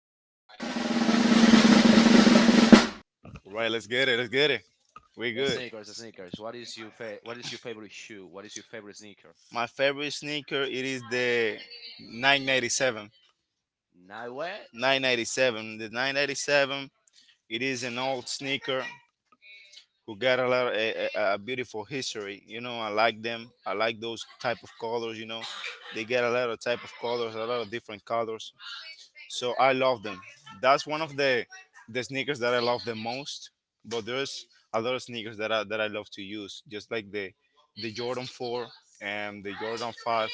and talk. Right, let's get it. We good. Sneakers, sneakers. What is your favorite shoe? What is your favorite sneaker? My favorite sneaker it is the 997. Not... 997. The 997. It is an old sneaker who got a lot of a beautiful history. You know, I like them. I like those type of colors. You know, they get a lot of type of colors, a lot of different colors. So I love them. That's one of the sneakers that I love the most. But there's a lot of sneakers that I love to use, just like the Jordan Four and the Jordan Five.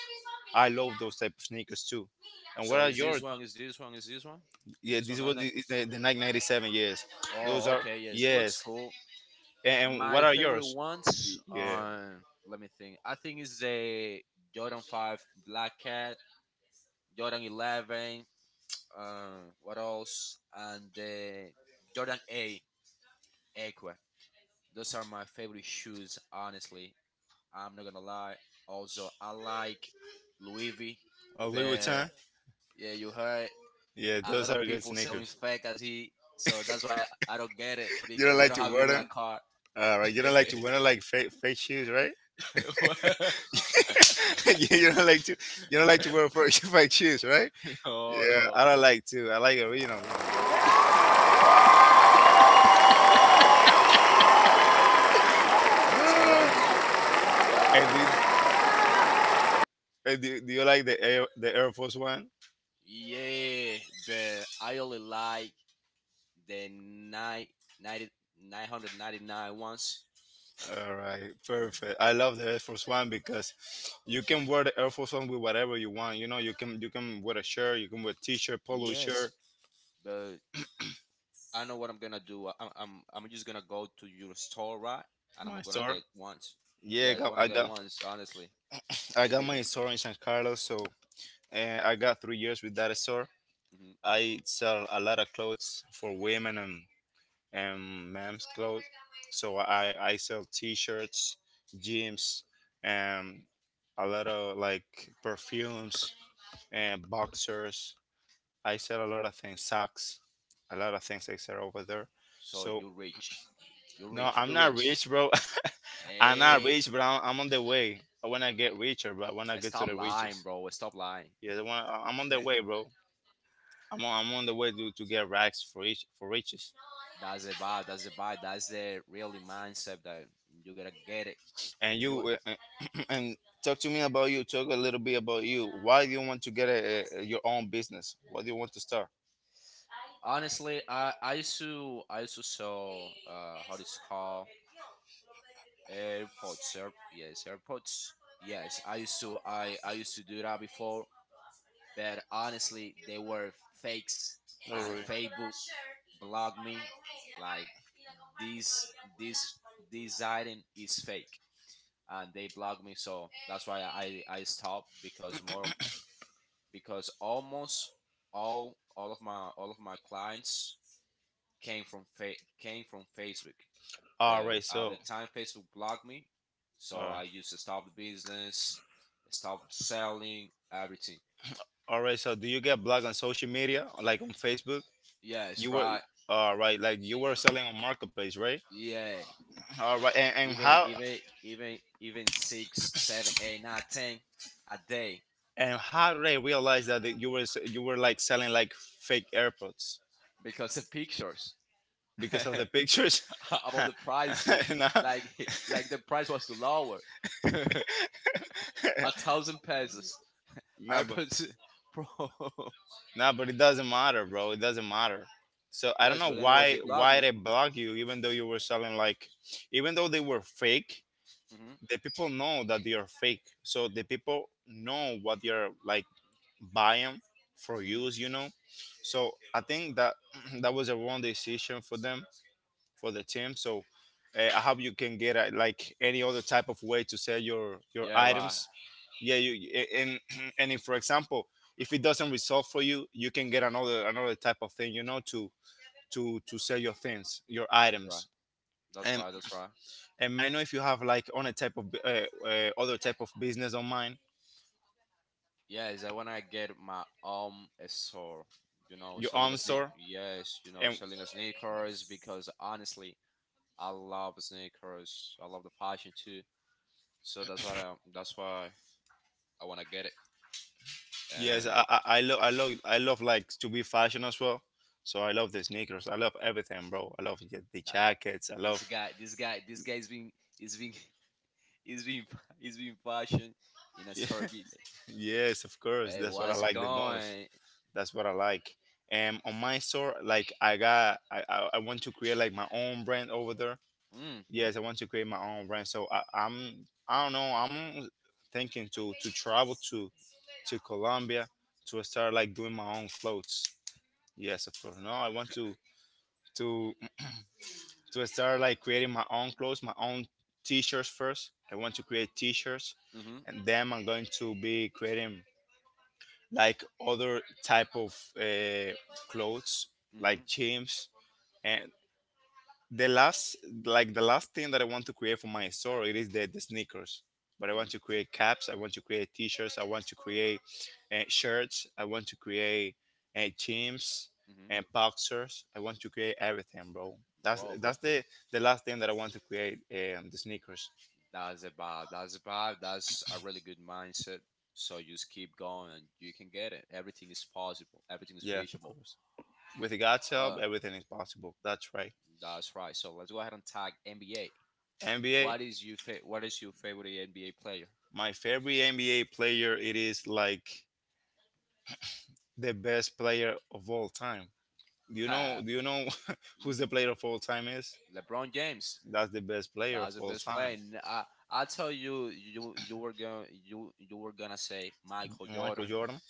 I love those type of sneakers too. And what So are is your? this one? Is this one? Is this one? Is Yeah, this one? this Not was that. is the Nike ninety seven. Yes, those Oh, are okay. Yes, it looks yes. cool. And My what are favorite yours? ones. Yeah, Let me think. I think it's the Jordan Five Black Cat, Jordan 11. What else? And the Jordan A Aqua. Those are my favorite shoes, honestly. I'm not gonna lie. Also, I like Louis V, a Louis but Vuitton. yeah, you heard Yeah, a those lot of are good people selling sneakers. fake as he, so I don't get it You don't because I like don't to have wear even a them? car. All right, you don't like to wear like fake shoes, right? What? You don't like to wear fake, fake shoes, right? no, Yeah, no. I don't like to. I like original one, bro. So what is your Ah. fa-? and do, do you like the Air Force One? Yeah, but I only like the nine ninety nine hundred ninety nine ones. All right, perfect. I love the Air Force One because you can wear the Air Force One with whatever you want. You know, you can wear a shirt, you can wear a t-shirt, polo Yes, shirt. but I know what I'm gonna do. I'm just gonna go to your store, right? And I'm My gonna store. get ones. Yeah, I Yeah, I got wanna I get got ones, honestly. I got Because... my store in San Carlos, so and I got 3 years with that store. hmm I sell a lot of clothes for women and men's clothes. So I sell t-shirts, jeans, and a lot of like perfumes and boxers. I sell a lot of things, socks, a lot of things I sell over there. so So you're rich, you're no, rich, I'm you're not rich. rich, bro. I'm not Hey, rich, but I'm on the way. I wanna get richer, but when I wanna get to stop the lying, riches, bro. Stop lying. yeah, the one, I'm on the way, bro. I'm on the way to get racks for each for riches. That's the vibe. That's the vibe. That's the really mindset that you gotta get it. And If you want. you and talk to me about you, talk a little bit about you. Why do you want to get your own business? What do you want to start? Honestly, I used to sell how this called AirPods. Air, yes, AirPods. Yes, I used to do that before. But honestly, they were fakes, All and right. Facebook blocked me. Like this, this, this item is fake, and they blocked me. So that's why I stopped because more because almost all of my clients came from came from Facebook. all But right so at all the time, Facebook blocked me, so I used to stop right. the business, stop selling everything. All right, so do you get blog on social media like on Facebook? Yeah, You it's were right. all right, like you were selling on marketplace, right? Yeah, All right, and how? Even six, seven, eight, nine, ten a day And how did I realize that you were like selling like fake AirPods because of pictures. because of the pictures? about No, the price. Like like the price was too lower, a thousand pesos. no, I but put... bro. It doesn't matter, bro. It doesn't matter. So I don't Yes, know but anyways, they why blocked why me. they block you, even though you were selling like, even though they were fake. Hmm The people know that they are fake, so the people know what you're like buying for hmm use, you know. So I think that that was a wrong decision for them, for the team. So I hope you can get like any other type of way to sell your Yeah, right. items. Yeah, and and if for example, if it doesn't resolve for you, you can get another type of thing. You know, to to sell your things, your That's right. items. That's And right. That's right. and I know if you have like on a type of other type of business online, Yeah, is I wanna get my own store. You know, your selling a own store yes, you know, and selling a sneakers because honestly, I love sneakers. I love the fashion too. So that's why I wanna get it. yes, And I love I love like to be fashion as well. So I love the sneakers. I love everything, bro. I love the uh, jackets. I this love. guy, this guy, this guy's been he's been he's been he's been fashion in a story. Be like, Yes, of course. hey, That's what I what's like the most. going? That's what I like. And on my store, like I got, I want to create like my own brand over there. Mm, Yes, I want to create my own brand. So I don't know, I'm thinking to travel to Colombia to start like doing my own clothes. Yes, of course. No, I want to to to start like creating my own clothes, my own t-shirts first. I want to create t-shirts, mhm, and then I'm going to be creating like other type of clothes, like mhm, jeans. And the last, like the last thing that I want to create for my store, it is the sneakers. But I want mhm, to create caps, I want to create t-shirts, I want to create shirts, I want to create teams mhm. and boxers. I want to create everything, bro. that's Bro, but that's the the last thing that I want to create, the sneakers. that's a vibe. That's a vibe. That's a really good mindset. So you just keep going. And you can get it. Everything is possible. Everything is Yes, of reachable. course. With God's help, Uh, everything is possible. That's right. That's right. So let's go ahead and tag NBA. NBA. What is your favorite NBA player? My favorite NBA player, it is like the best player of all time. Do you know? Ha, Do you know who's n- the player of all time is? LeBron James. That's the best player of That's the all best player. time. I tell you, you you were going you you were gonna say Michael Michael Jordan, Jordan?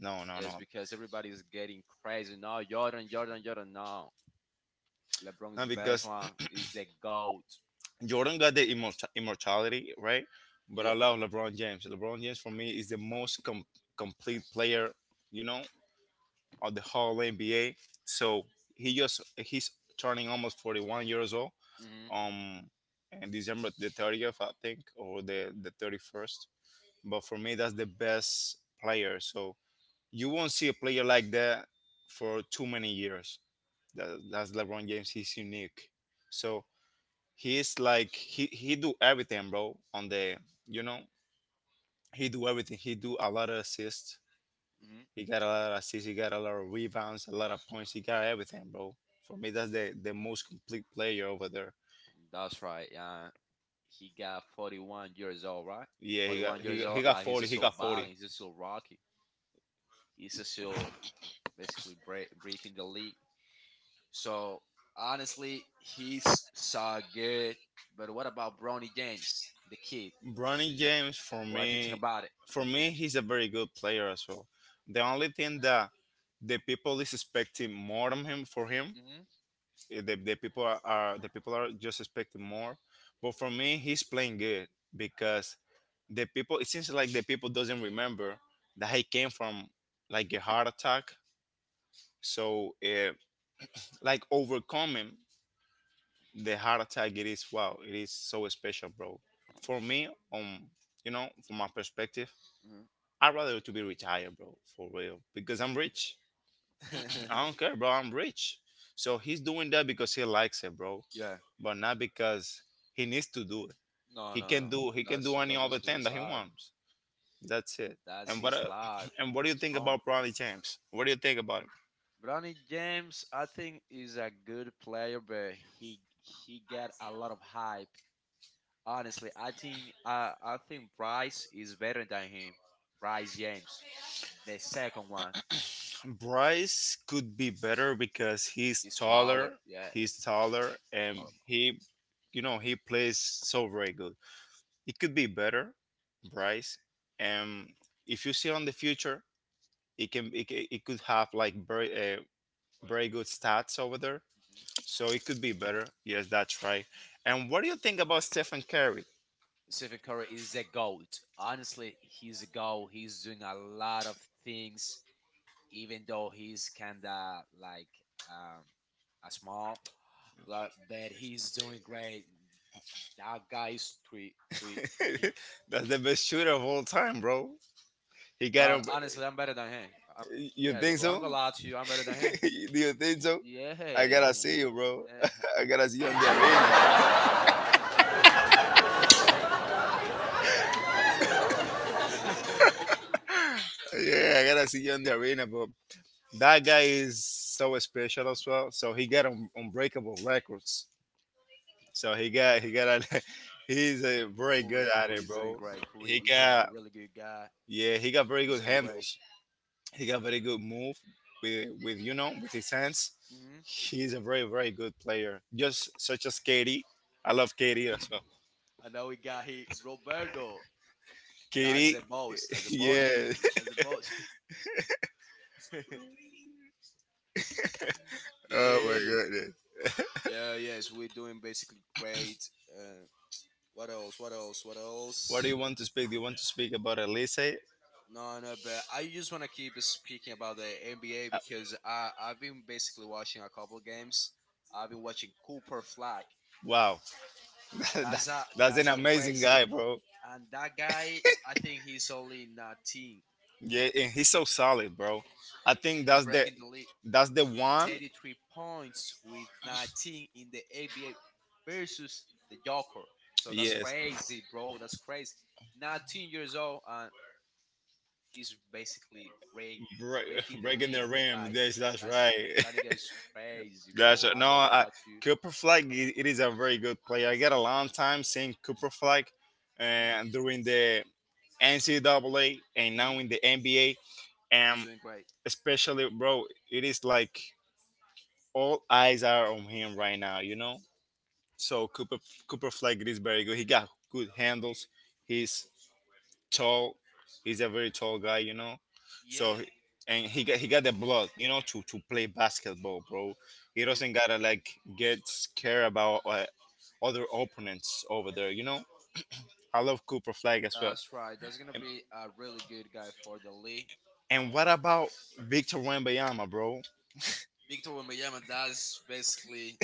No, no, is no. because everybody is getting crazy. No, Jordan. No, LeBron is No, the best because one. He's the goat. Jordan got the immortality, right? But I Yeah. love LeBron James. LeBron James for me is the complete Right. player, you know, of the whole NBA. So he's turning almost 41 years old. Mm-hmm. Um, in December the 30th, I think, or the 31st. But for me, that's the best player. So you won't see a player like that for too many years. That's LeBron James. He's unique. So he's like he do everything, bro, on the, you know, he do everything, he do a lot of assists, hmm he got a lot of assists, he got a lot of rebounds, a lot of points, he got everything, bro. For me, that's the most complete player over there. That's right. Yeah. He got 41 years old, right? Yeah, he got 41 years old. He's 40, he still got 40. battling. He's still rocky. He's still basically breaking the league. So honestly, he's so good. But what about Bronny James, the kid? Bronny James for What you think me, about it? He's a very good player as well. The only thing that the people is expecting more from him, for him. Hmm The people are, the people are just expecting more. But for me, he's playing good because the people, it seems like the people doesn't remember that he came from like a heart attack. So like overcoming the heart attack, it is wow, it is so special, bro. For me, you know, from my perspective, I'd rather to be retired, bro, for real, because I'm hmm rich. I don't care, bro. I'm rich. So he's doing that because he likes it, bro. yeah. But not because he needs to do it. No, He no, can no. do he can do any That's other basically thing his that he life. wants. That's it. That's And what his life. and what do you He's think wrong. about Bronny James? What do you think about Bronny James, I think, is a good player, but he he got a lot of hype. Honestly, I think Bryce is better than him. Bryce James, the second one, him? Bryce could be better because he's is taller. taller. Yeah, He's taller I and love him. he, you know, he plays so very good. It could be better, Bryce. And if you see on the future, it can it, ca- it could have like very uh, very good stats over there. Mhm. So it could be better. Yes, that's right. And what do you think about Stephen Curry? Stephen Curry is a goat. Honestly, he's a goat. He's doing a lot of things, even though he's kinda like um a small, like, but he's doing great. That guy is three, three, three. That's the best shooter of all time, bro. He got him. But honestly, I'm better than him. You Yes, think bro. I'm so? gonna lie to you. I'm better than him. Do you think so? I gotta Yeah. see you, bro. Eh, I gotta see you on the arena. Yeah, I gotta see you on the arena, but that guy is so special as well. So he got unbreakable records. So he's a very Corey, good at Corey it, is doing bro. great. Corey He is a got really good guy. yeah, he got very He's good doing great. handles. He got very good move with you know, with his hands. Hmm He's a very good player. Just such as Katie. I love Katie as well. And now we got here Roberto. That's Katie, the boss. That's the boss. yeah. That's the boss. Oh my Yay. goodness. Yes, we're doing basically great. Uh, what else? What else? What What do else? you want to speak? Do you want to speak about Elise? No, no, but I just want to keep speaking about the NBA because I've been basically watching a couple games. I've been watching Cooper Flag. Wow, That- that's an That's a amazing crazy... guy, bro. And that guy, I think he's only 19. Yeah, and he's so solid, bro. I think He's that's the breaking the lead. One. 33 points with 19 in the ABA versus the Joker. So that's Yes, crazy, bro. That's crazy. 19 years old, and he's basically breaking the breaking the league. rim. Like, Yes, that's that's right. that nigga is crazy, That's bro. right. No, I'm gonna I, lie to you. Cooper Flag. It is a very good player. I got a long time seeing Cooper Flag, Hmm and during the NCAA and now hmm in the NBA, He's and doing great. especially, bro, it is like all eyes are on him right now. You know. So Cooper, Flag is very good. He got good handles. He's tall. He's a very tall guy, you know. Yeah. So he- and he got the blood, you know, to play basketball, bro. He he- doesn't gotta like get scared about other opponents over there, you know. I love Cooper Flag as well. That's right. That's gonna And, be a really good guy for the league. and what about Victor Wembanyama, bro? Victor Wembanyama, that's basically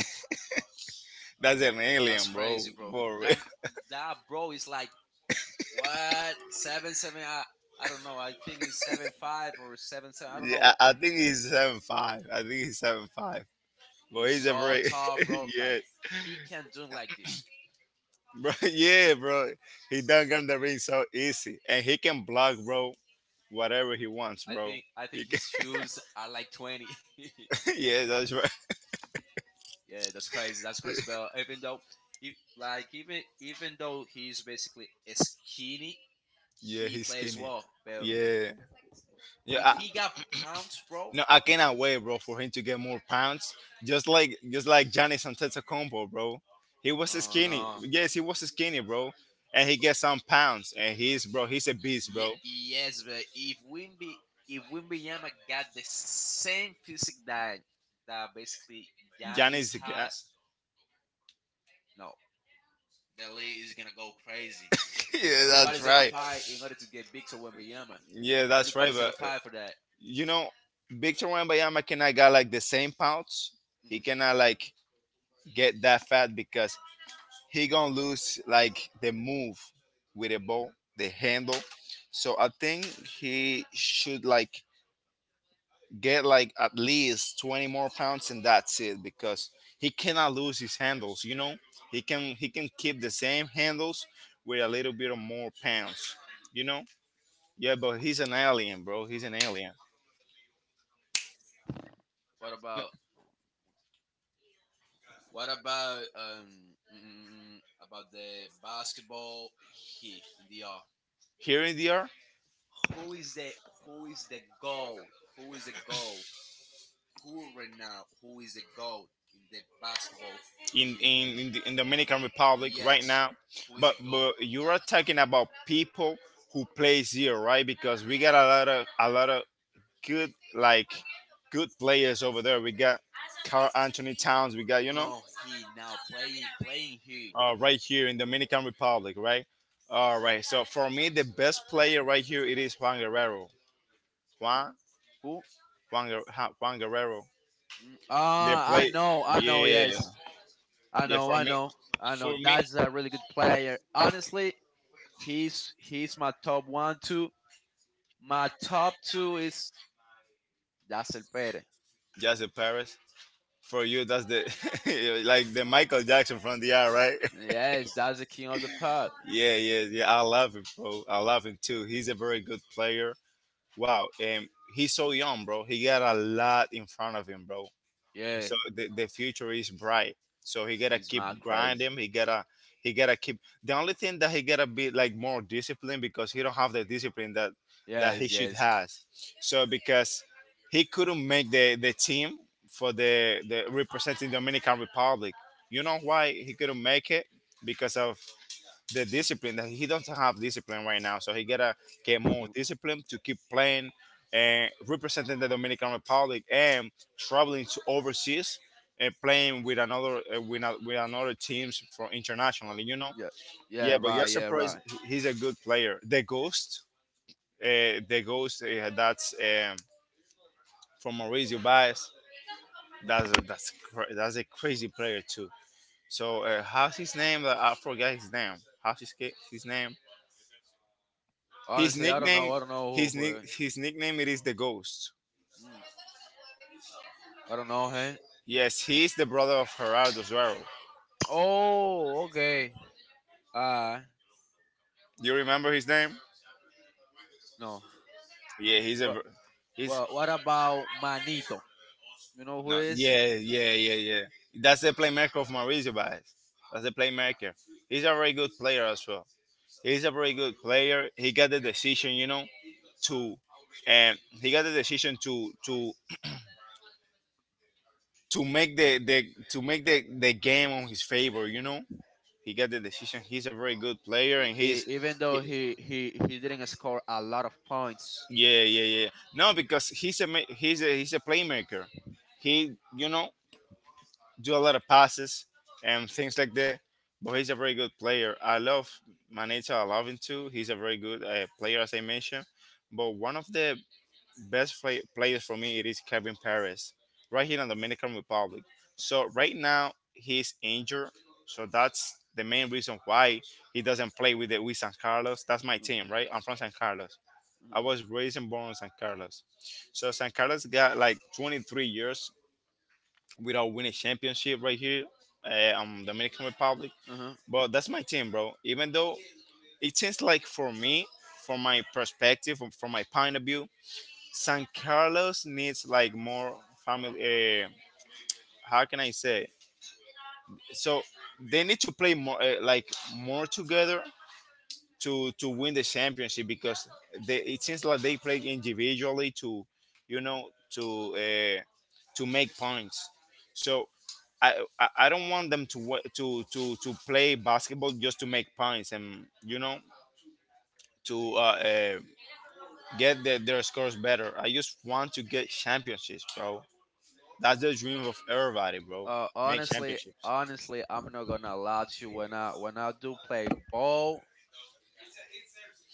That's an alien, that's bro. crazy, bro. For real. That that bro is like what seven seven. I don't know. I think he's 7'5" or seven seven. I don't know. Yeah, I think he's 7'5". I think he's 7'5". But He's he's a so very tall, bro. yeah, Like he can do like this. bro. Yeah, bro. I He s- done got the ring so easy, and he can block, bro. Whatever he wants, bro. I He think can, his shoes are like 20. yeah, that's right. yeah, that's crazy. That's crazy, bro. Even though, e- like even even though he's basically skinny, Yeah, he he's plays skinny. well. But Yeah, yeah. if he got pounds, bro, no, I cannot wait, bro, for him to get more pounds. Just like Giannis Antetokounmpo, bro. He was oh skinny. no. Yes, he was skinny, bro. And he gets some pounds, and he's, bro, he's a beast, bro. Yes, but if Wimby if Wimbyama got the same physique that that basically Giannis, Giannis has, no, the league is gonna go crazy. yeah, that's Everybody's gonna right. fight in order to get Victor Wimbyama. Yeah, that's right. Everybody's gonna fight for that. you know, Victor Wembanyama cannot got like the same pounds. He Hmm cannot like get that fat because he gonna lose like the move with the ball, the handle. So I think he should like get like at least 20 more pounds and that's it because he cannot lose his handles. He can keep the same handles with a little bit of more pounds. You know, yeah, but he's an alien, bro. He's an alien. What about what about about the basketball, he in the R. Here in the earth, Who is the who is the goal? Who is the goal? Who right now, who is the GOAT in the basketball? in He. in in, the, in Dominican Republic right Yes. now, Who is the but GOAT? you are talking about people who plays here, right? Because we got a lot of good like good players over there. We got Carl Anthony Towns. We got you No, know no, he now playing playing he. Right here in Dominican Republic, right? All right. So for me, the best player right here it is Juan Guerrero. Juan Who? Juan Guerrero. Ah, Play, I know, yes. yeah. I yeah. know, I know, I know. For me, That's a really good player. Honestly, he's my top one, two. My top two is Dacel Pérez. just the Paris. For you, that's the like the Michael Jackson from the eye, right? Yes, that's the king of the pop. Yeah, yeah, yeah. I love him, bro. I love him too. He's a very good player. Wow, and he's so young, bro. He got a lot in front of him, bro. Yeah, So the future is bright, so he gotta he's keep not crazy. grinding. He gotta keep the only thing, that he gotta be like more disciplined, because he don't have the discipline that that he Yes, should yes. has. So because he couldn't make the team for the representing Dominican Republic. You know why he couldn't make it? Because of the discipline, that he doesn't have discipline right now. So he gotta get more He, discipline to keep playing and representing the Dominican Republic and traveling to overseas and playing with another teams for internationally, you know. yeah, yeah, Yeah, but you're right, yeah, surprised, right. he- he's a good player. The Ghost, the Ghost, that's from Mauricio Baez. That's a crazy player too. So how's his name? I forgot his name. How's his his name? His Honestly, I don't know. nickname, I don't know who. Who... his nickname it is the Ghost. mm, I don't know. Hey. Yes, he is the brother of Gerardo Suero. Oh, okay. Uh Do you remember his name? no. Yeah, he's a, What? he's What? What about Manito? You know who no, is? yeah. That's the playmaker of Mauricio Baez. That's the playmaker. He's a very good player as well. He's a very good player. He got the decision, you know, to, and he got the decision to make the game on his favor. You know, he got the decision. He's a very good player, and he's Even though he didn't score a lot of points. yeah, yeah, yeah. No, because he's a playmaker. He, you know, do a lot of passes and things like that. But he's a very good player. I love Maneta. I love him too. He's a very good player, as I mentioned. But one of the players for me it is Kevin Perez, right here in the Dominican Republic. So right now he's injured. So that's the main reason why he doesn't play with the with San Carlos. That's my Mm. team, right? I'm from San Carlos. I Mm-hmm. was raised and born in San Carlos. So San Carlos got like 23 years without winning championship right here on Dominican Republic. Uh-huh. But that's my team, bro. Even though it seems like for me, from my perspective, from my point of view, San Carlos needs like more family. How can I say? So they need to play more, like more together to win the championship because they, it seems like they play individually to, you know, to make points. So I don't want them to to play basketball just to make points, and, you know, to get the, their scores better. I just want to get championships, bro. That's the dream of everybody, bro. Make honestly, championships. honestly, I'm not gonna lie to you. When I do play ball,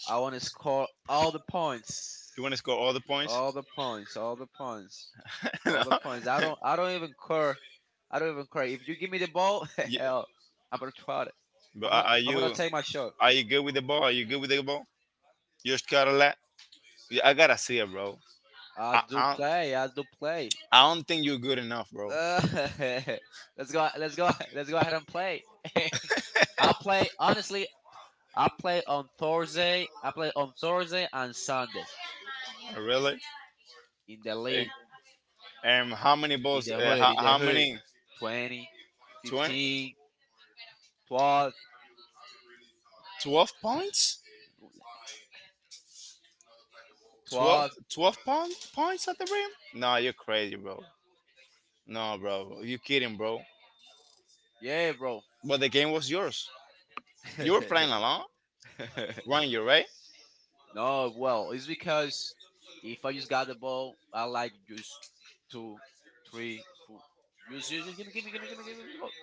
I want to score all the points. You want to score all the points? All the points, all the points, No. all the points. I don't even care. I don't even care. If you give me the ball, Ye- hell, I'm gonna try it. But are I'm gonna you, take my shot. are you good with the ball? Are you good with the ball? You score a lot. Yeah, I gotta see it, bro. I, I don't I do play. I don't think you're good enough, bro. Uh, let's go. Let's go ahead and play. I play honestly. I play on Thursday and Sunday Really? in the And, league, and how many balls? In the How hood. many? 20, 20? 15, 12, 12 12. points? twelve, twelve. 12-pound points at the rim? Nah, you're crazy, bro. No, bro. You kidding, bro. Yeah, bro. But the game was yours. You were playing alone. Ranger, right? no, well, it's because if I just got the ball, I like just two, three, four. Just, give me, give me the ball.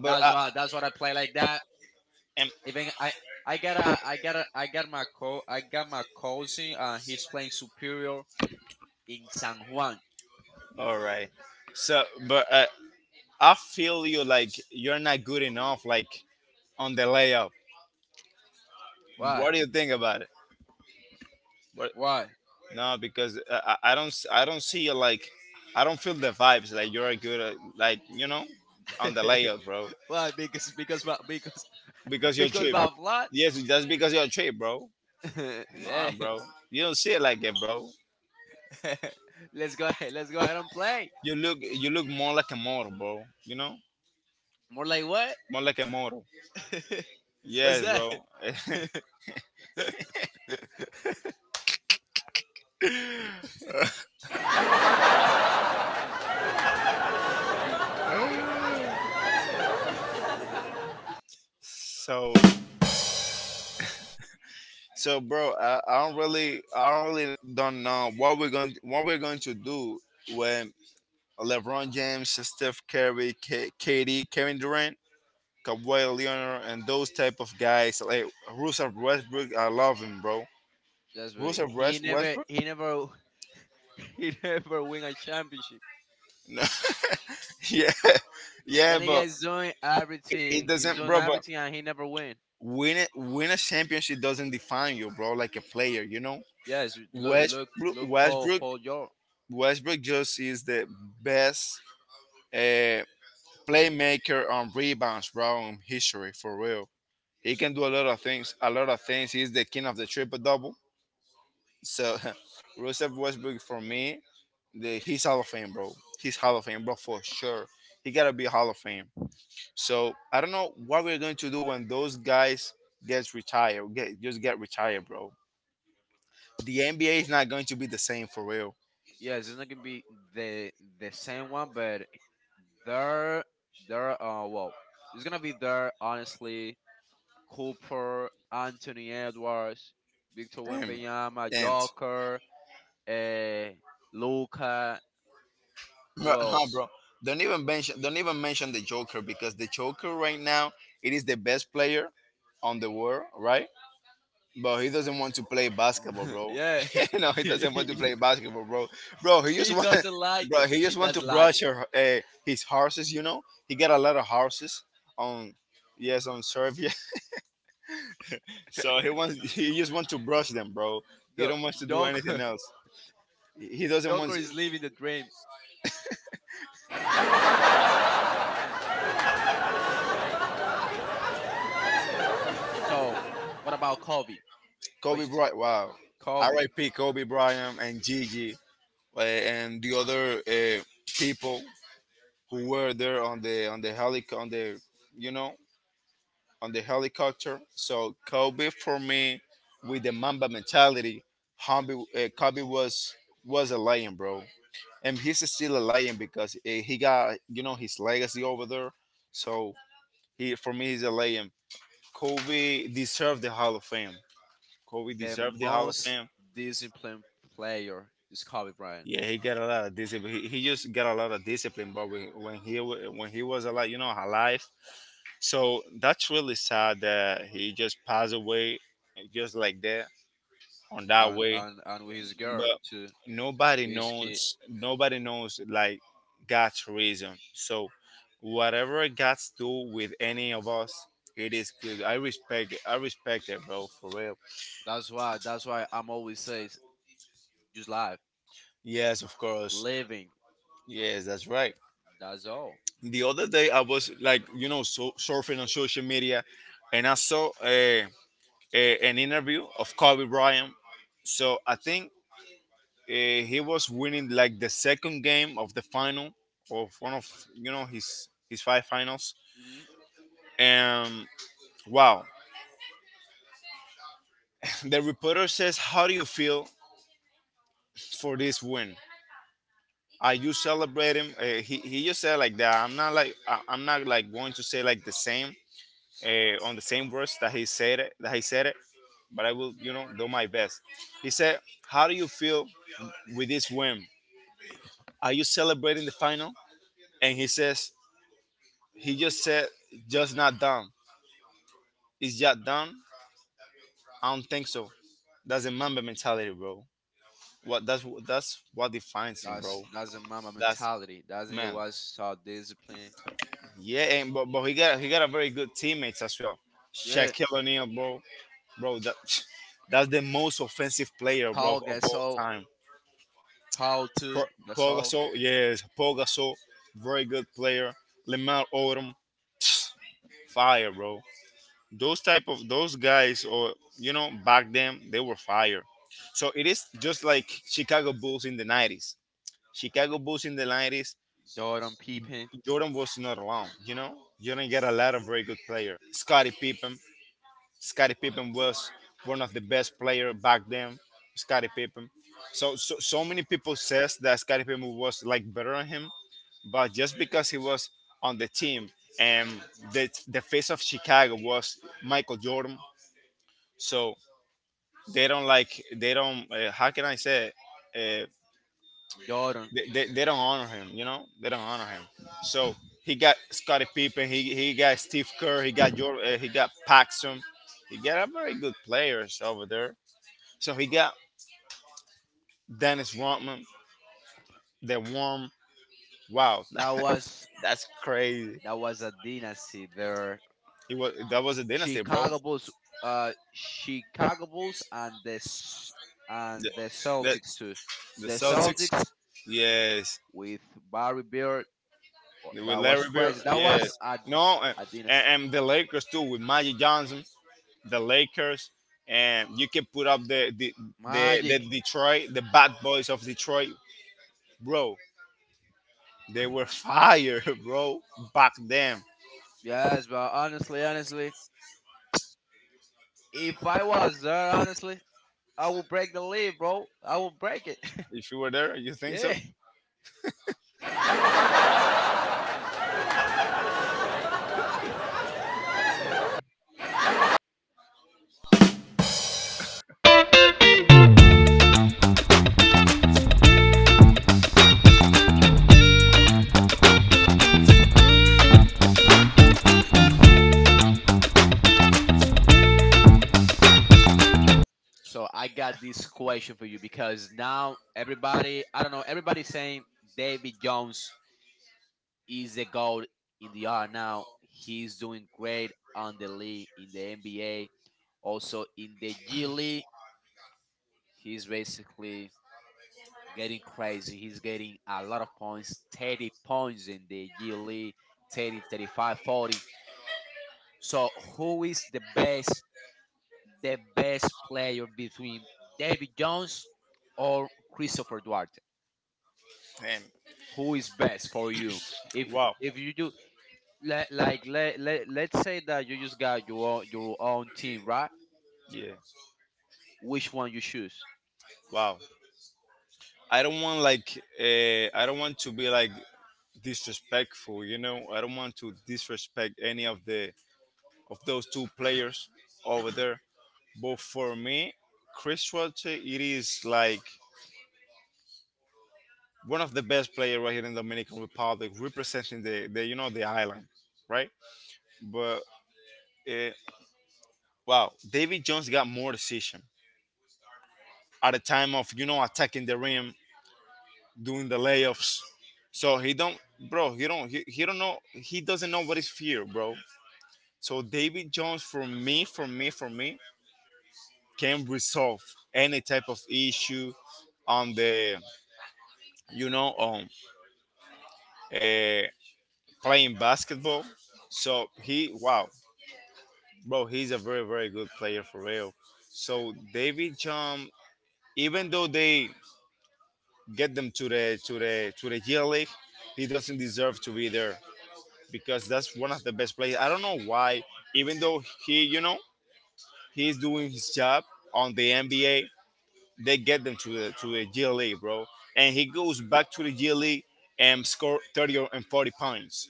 But That's uh, why. That's what I play like that. and, Even I. I got a, I got a, I got my co, I got my cousin. He's playing superior in San Juan. all right. So, but I feel you like you're not good enough, like on the layup. Why? What do you think about it? But Why? no, because I don't see you like, I don't feel the vibes like you're good, at, like, you know, on the layup, bro. Why? Because my because Because you're because cheap. my flat. Yes, that's because you're a trade, bro. Nah, Eh, bro. You don't see it like that, bro. let's go. Let's go ahead and play. You look more like a model, bro. You know? More like what? More like a model. What's Yes, that? bro. so bro, I don't really don't know what we're going to do when LeBron James, Steph Curry, Kevin Durant, Kawhi Leonard, and those type of guys like Russell Westbrook. I love him, bro. That's right. Westbrook. He never, he never win a championship. No. yeah. Yeah, That but nigga is doing it everything. He's doesn't, doing bro. But everything, and he never win. Win a championship doesn't define you, bro. Like a player, you know. Yes, Westbrook, look, Westbrook, Paul George. Westbrook just is the best uh, playmaker on rebounds, bro, in history for real. He can do a lot of things. A lot of things. He's the king of the triple double. So, Russell Westbrook for me, he's Hall of Fame, bro. He's Hall of Fame, bro, for sure. He gotta be Hall of Fame. So I don't know what we're going to do when those guys gets retired. Get retired, bro. The NBA is not going to be the same for real. Yes, it's not gonna be the the same one, but there, there. Well, it's gonna be there. Honestly, Cooper, Anthony Edwards, Victor Damn. Wembanyama, And Joker, uh, Luca. bro, Who no, else? bro. Don't even mention the Joker, because the Joker right now it is the best player on the world, right? But he doesn't want to play basketball, bro. yeah, No, he doesn't want to he, play basketball, bro. Bro, he just he want doesn't like bro, it. he He just want to doesn't like brush it. her, his horses, you know? He got a lot of horses on, yes, on Serbia. So he wants, he just wants to brush them, bro. He Jo- don't want to do anything Joker, else. He doesn't want Joker is living the dream. So, what about Kobe? What Kobe you think? Bryant. Wow, Kobe, R.I.P. Kobe Bryant and Gigi, and the other people who were there on the helic on the, you know, on the helicopter. So Kobe for me with the Mamba mentality, Kobe was a lion, bro, and he's still a lion because he got, you know, his legacy over there. So he, for me, he's a lion. Kobe deserved the Hall of Fame. Kobe the deserved the Hall of most Fame. disciplined player is Kobe Bryant, Yeah, he got a lot of discipline. He just got a lot of discipline, but when when he was alive, you know, alive. So that's really sad that he just passed away, just like that, on that way. And with his girl But too, nobody with his kid. knows. Nobody knows like God's reason. So whatever God's do with any of us, it is good. I respect. I respect it, bro. For real. That's why. That's why I'm always says, just life, Yes, of course. living. Yes, that's right. That's all. The other day I was like, you know, so, surfing on social media, and I saw an interview of Kobe Bryant. So I think uh, he was winning like the second game of the final of one of, you know, his five finals. And wow, the reporter says, "How do you feel for this win? Are you celebrating?" He just said like that. I'm not like, I'm not like going to say like the same on the same words that he said it, but I will, you know, do my best. He said, "How do you feel with this win? Are you celebrating the final?" And he says, "He just said, just not done. It's just done. I don't think so." That's a mamba mentality, bro. What that's what defines him, bro. That's the mama That's mentality. That's it man. was so discipline. Yeah, and but he got, he got a very good teammates as well. Yeah, Shaquille O'Neal, bro, bro. That that's the most offensive player, bro, Paul of all Gasol, time. Paul Pro- too, Paul Gasol, Gasol, yes, Paul Gasol, very good player. Lamar Odom, fire, bro. Those type of those guys, or you know, back then they were fire. So it is just like Chicago Bulls in the 90s. Chicago Bulls in the 90s, Jordan Pippen, Jordan was not alone. You know, Jordan got a lot of very good players. Scottie Pippen, Scottie Pippen was one of the best player back then. Scottie Pippen. So many people says that Scottie Pippen was like better than him, but just because he was on the team and the face of Chicago was Michael Jordan, so they don't how can I say it? Uh, Jordan. they don't honor him, they don't honor him. So he got Scottie Pippen, he got Steve Kerr, he got Jordan, he got Paxton, he got a very good players over there. So he got Dennis Rodman, the worm. Wow, That was that's crazy. that was a dynasty. There, He was that was a dynasty, bro. Chicago Bulls, Chicago Bulls and the and The, the the, Celtics too. the The Celtics, Celtics yes. with Barry Beard. With That was Larry Bird, crazy. That was yes. No, a dynasty. and the Lakers too with Magic Johnson, the Lakers, and you can put up the the Magic. Detroit, the bad boys of Detroit, bro. They were fire, bro, back then. Yes, but honestly, if I was there, honestly. I will break the leaf, bro. I will break it. If you were there, you think so? yeah. So I got this question for you because now everybody, I don't know, everybody's saying David Jones is the GOAT in the R now. He's doing great on the league in the NBA, also in the G League. He's basically getting crazy. He's getting a lot of points, 30 points in the G League, 30, 35, 40. So who is the best player between David Jones or Christopher Duarte? Him. Who is best for you? If Wow. if you do like let's say that you just got your own, team, right? Yeah. Which one you choose? Wow. I don't want like I don't want to be like disrespectful, you know. I don't want to disrespect any of the of those two players over there. But for me, Chris Schwartz, it is like one of the best players right here in Dominican Republic, representing the you know the island, right? But uh, wow, David Jones got more decision at the time of you know attacking the rim, doing the layups. So he don't, bro. He don't. He don't know. He doesn't know what is fear, bro. So David Jones, for me, can resolve any type of issue on the you know on uh, playing basketball. So he, wow, bro. He's a very good player for real. So David Jones, even though they get them to the to the G League. He doesn't deserve to be there because that's one of the best players. I don't know why, even though he, you know, he's doing his job on the NBA, they get them to the G League, bro. And he goes back to the G League and score and 40 points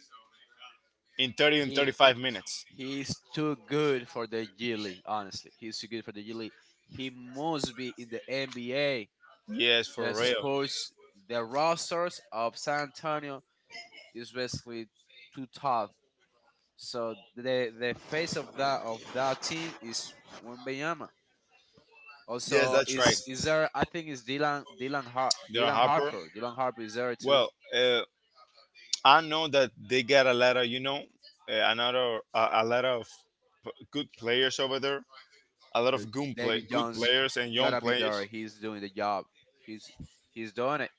in thirty and He thirty five minutes. he's too good for the G League. Honestly, he's too good for the G League. He must be in the NBA Yes, for versus real. Spurs. The rosters of San Antonio is basically too tough. So the face of that team is Wembanyama. Yes, Also, that's right. is there? I think it's They're Dylan Harper. Harper. Dylan Harper is there too. Well, I know that they get a lot of, you know, a lot of good players over there, a lot But of David good Jones players and young gotta be players. there. He's doing the job. He's he's doing it.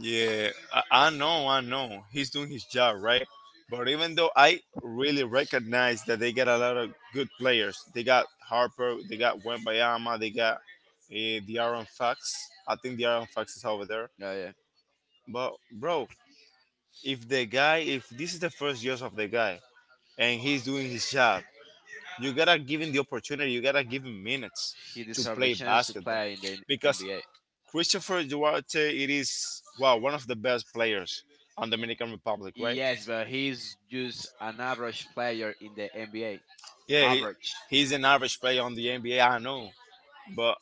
Yeah, I know. He's doing his job, right? But even though I really recognize that they get a lot of good players, they got Harper, they got Wembayama, they got the Aaron Fox. I think the Aaron Fox is over there. Yeah, yeah. But bro, if this is the first years of the guy, and he's doing his job. You gotta give him the opportunity. You gotta give him minutes He to deserves the play chance to basketball play in the because NBA. Christopher Duarte it is wow one of the best players on Dominican Republic, right? Yes, but he's just an average player in the NBA. Yeah, Average. he's an average player on the NBA. I know, but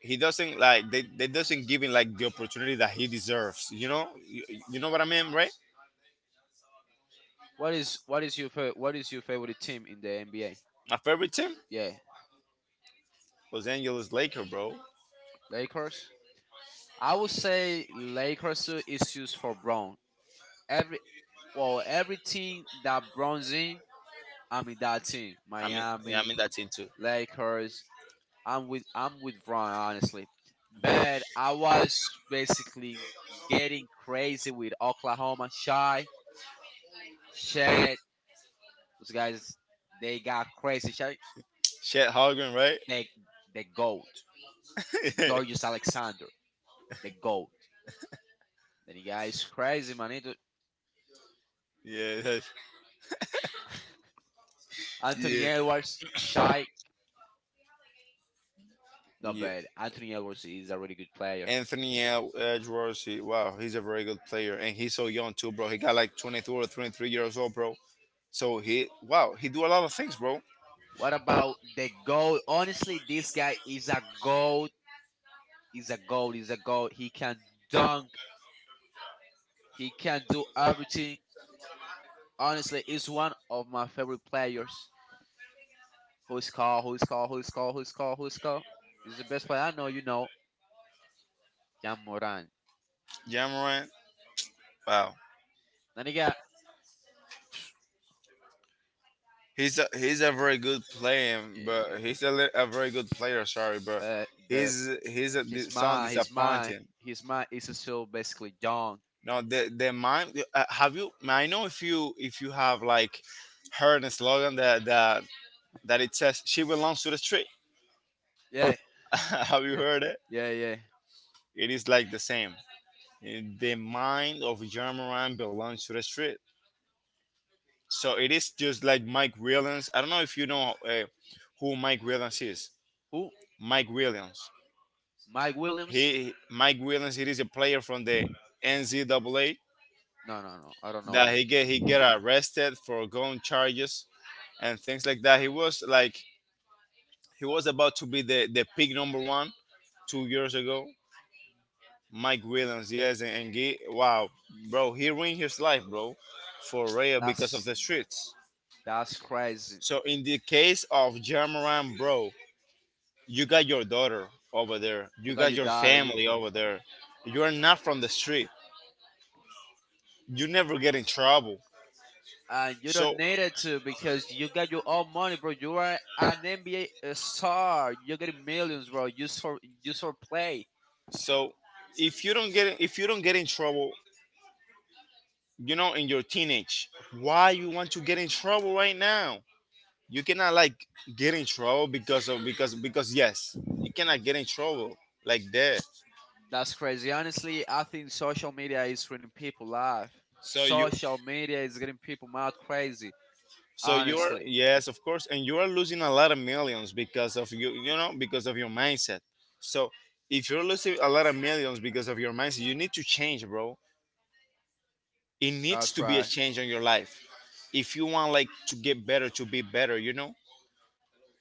he doesn't like they doesn't give him like the opportunity that he deserves. You know, you know what I mean, right? What is your favorite team in the NBA? My favorite team, Yeah, Los Angeles Lakers, bro. Lakers. I would say Lakers suit is used for Brown. Every Well, every team that Brown's in, I'm in that team. I mean, yeah, I Miami, mean that team too. Lakers. I'm with Brown honestly. But I was basically getting crazy with Oklahoma Shy, Shed. Those guys, they got crazy. Shy, Chet Holgren, right? they the goat. Georgius Alexander, the goat. Then you guys crazy man. Yeah, that's, Anthony yeah, Edwards, Shy, not yeah. bad. Anthony Edwards is a really good player. Edwards, he, wow, he's a very good player, and he's so young too, bro. He got like 22 or 23 years old, bro. So he, wow, he do a lot of things, bro. What about the goal? Honestly, this guy is a goat. Is a goat. Is a goat. He can dunk. He can do everything. Honestly, he's one of my favorite players. Who's called? Who's called? Who's called? Who's called? Who's called? He's the best player I know. You know, Jan Moran. Jamoran, wow, Then he got, he's a very good player, yeah, but he's a, a very good player. Sorry, but but he's a, he's sound mine. He's mine. disappointing. He's mine. He's still basically young. No, the mind. Have you? I know if you have like heard a slogan that it says she belongs to the street. Yeah, have you yeah, heard it? yeah, yeah. It is like the same. The mind of John Moran belongs to the street. So it is just like Mike Williams. I don't know if you know who Mike Williams is. Who? Mike Williams. Mike Williams. He Mike Williams. It is a player from the NCAA No, no, no. I don't know that him. He get arrested for gun charges and things like that. He was like he was about to be the pick number 1, 2 years ago. Mike Williams, yes, and Gee, wow, bro, he ruined his life, bro, for real because of That's the streets. that's crazy. So in the case of Jamaran, bro, you got your daughter over there, You you got got your your daughter, you family over there. You are not from the street. You never get in trouble. and you don't So need it to because you got your own money, bro. You are an NBA star. You're getting millions, bro. Just for play. So if you don't get in trouble, you know, in your teenage, why you want to get in trouble right now? You cannot like get in trouble because of because yes, you cannot get in trouble like that. That's crazy. Honestly, I think social media is ruining people life. So you Social media is getting people mad crazy. so you're Honestly, yes, of course, and you are losing a lot of millions because of because of your mindset. So if you're losing a lot of millions because of your mindset, you need to change, bro. It needs that's to be a right. change on your life. If you want like to get better to be better you know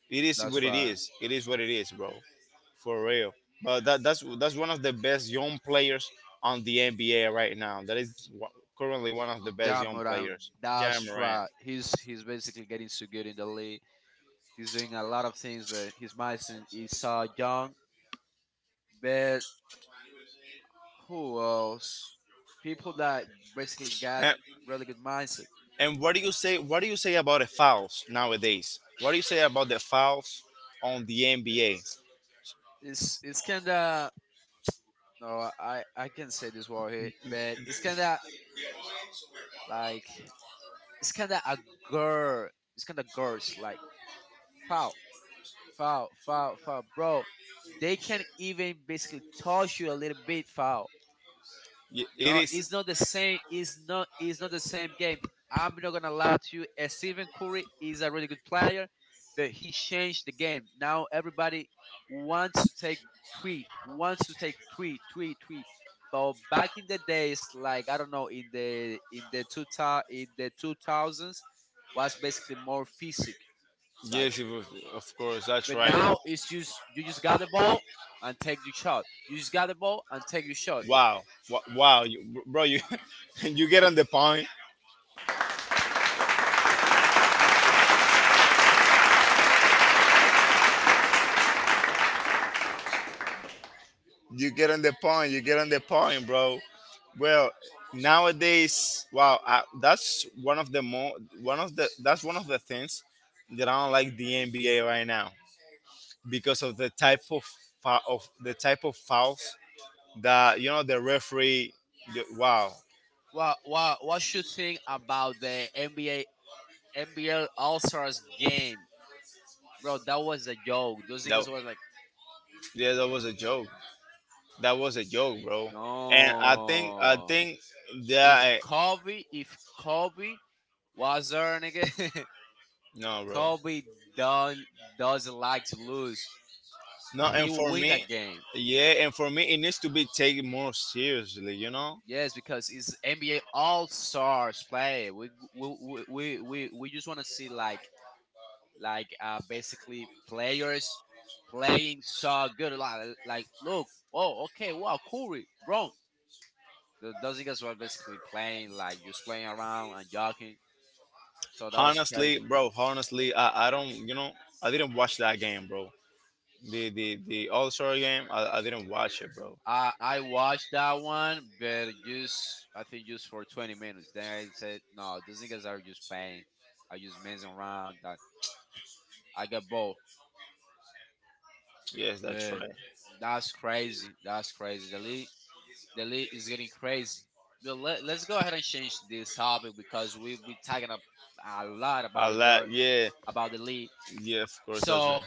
it is what That's it right. is bro for real. But that's one of the best young players on the NBA right now that is currently one of the best young Jamoran, players. Jam that's Moran. right. He's basically getting so good in the league. He's doing a lot of things, but he's missing Esau Young. But who else? People that basically got And, really good mindset. and what do you say? What do you say about the fouls nowadays? What do you say about the fouls on the NBA? It's kinda no, I can say this word here, but like it's kinda a girl. It's kinda girls like foul, foul, foul, foul, bro. They can even basically touch you a little bit foul. It No, is. it's not the same. It's not. It's not the same game. I'm not gonna lie to you. Stephen Curry is a really good player, but he changed the game. Now everybody wants to take wants to take three, three, three. But back in the days, like I don't know, in the two thousands, was basically more physic. Like, Yes, it was, of course. That's but right. now it's just you just got the ball and take the shot. You just got the ball and take your shot. Wow, wow, you, bro, you you get on the point. You get on the point, bro. Well, nowadays, wow, I, that's one of the that's one of the things that I don't like the NBA right now because of the type of fouls that you know the referee. Wow, Well, what you think about the NBA All Stars game, bro? That was a joke. Those that niggas were like, yeah, that was a joke. That was a joke, bro. And I no. think If that Kobe, if Kobe was there, nigga, no, bro. Kobe don't doesn't like to lose. No, He and will for win me, that game. yeah, and for me, it needs to be taken more seriously, you know? Yes, because it's NBA All Stars play. We just want to see like basically players playing so good. Like look, oh, okay, wow, Curry, bro. The Dozingas were basically playing like just playing around and joking. So that was Honestly, crazy. bro, honestly, I don't, you know, I didn't watch that game, bro. The All Star game, I didn't watch it, bro. I watched that one, but just I think just for 20 minutes. Then I said, no, those niggas are just playing. I just messing around. I got bored. Yes, that's But right. that's crazy. That's crazy. The lead is getting crazy. But let's go ahead and change this topic because we talking a lot A lot, yeah, about the league. yeah, of course, that's So right.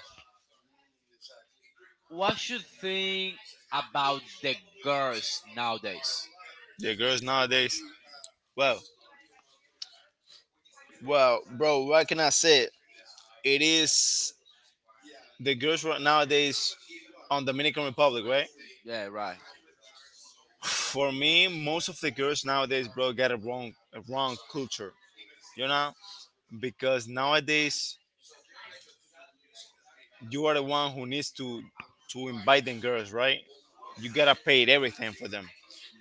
what should think about the girls nowadays? The girls nowadays, well, well, bro, what can I say? It is the girls right nowadays on Dominican Republic, right? Yeah, right. For me, most of the girls nowadays, bro, got a wrong culture, you know, because nowadays you are the one who needs to invite them girls, right. You gotta pay everything for them.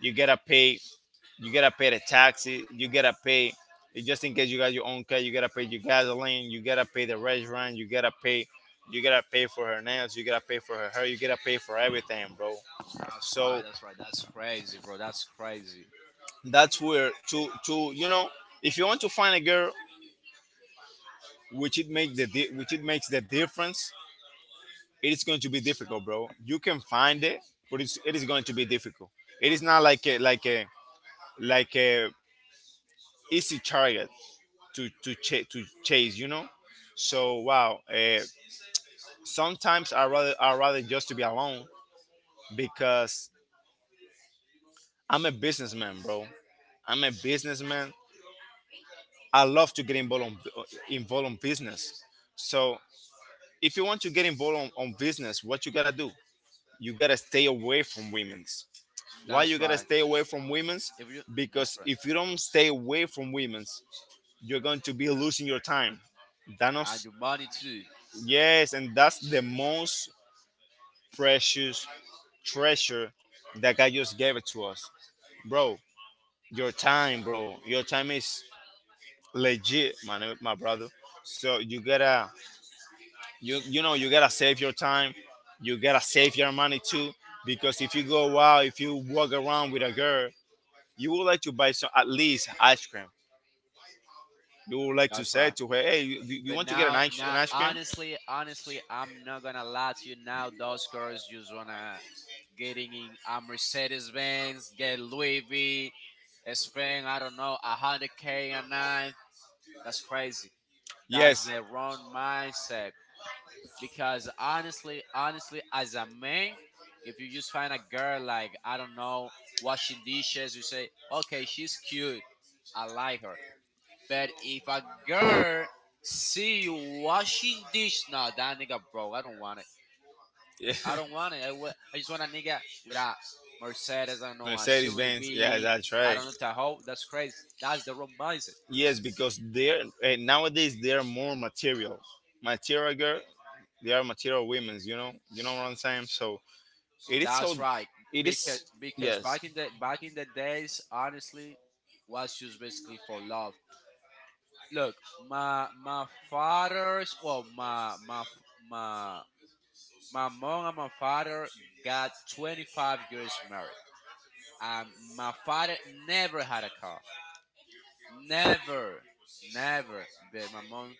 you gotta pay you gotta pay the taxi. You gotta pay, just in case you got your own car, you gotta pay your gasoline. You gotta pay the restaurant. You gotta pay for her nails. You gotta pay for her hair. You gotta pay for everything, bro. That's right. So That's right. That's crazy, bro. That's crazy. that's where to you know, if you want to find a girl which it makes the which it makes the difference, it is going to be difficult, bro. You can find it, but it is going to be difficult. It is not like a like a like a easy target to to chase, you know. So wow, sometimes I rather just to be alone because I'm a businessman, bro. I'm a businessman. I love to get involved on, involved on business. So if you want to get involved on business, what you gotta do? You gotta stay away from women's. Why you That's gotta right. stay away from women's? If you, that's Because right. if you don't stay away from women's, you're going to be losing your time. And Thanos, your money too. yes, and that's the most precious treasure that God just gave it to us, bro. Your time, bro. Your time is legit, man, my brother. So you you know, you gotta save your time. You gotta save your money too, because if you go out, if you walk around with a girl, you would like to buy some at least ice cream. You would like to That's say right. to her, hey, you But want to get an ice cream? honestly, I'm not gonna lie to you. Now, those girls just wanna getting in a Mercedes Benz, get Louis V, spend I don't know 100K a night. That's crazy. That's Yes. the wrong mindset. Because honestly, as a man, if you just find a girl like I don't know washing dishes, you say, okay, she's cute, I like her. But if a girl see you washing dish, no, that nigga broke. I don't want it. Yeah. I don't want it. I just want a nigga with a Mercedes. I don't know a Mercedes Serie Benz. Yeah, B. that's I right. don't know Tahoe. That's crazy. That's the wrong mindset. Yes, because they're nowadays they are more material, material girl. They are material women. You know what I'm saying. So. That's right. It Because is because yes. back in the days, honestly, was used basically for love. Look, my my father's well, my my f- my my mom and my father got 25 years married. My father never had a car. Never, never. But my mom,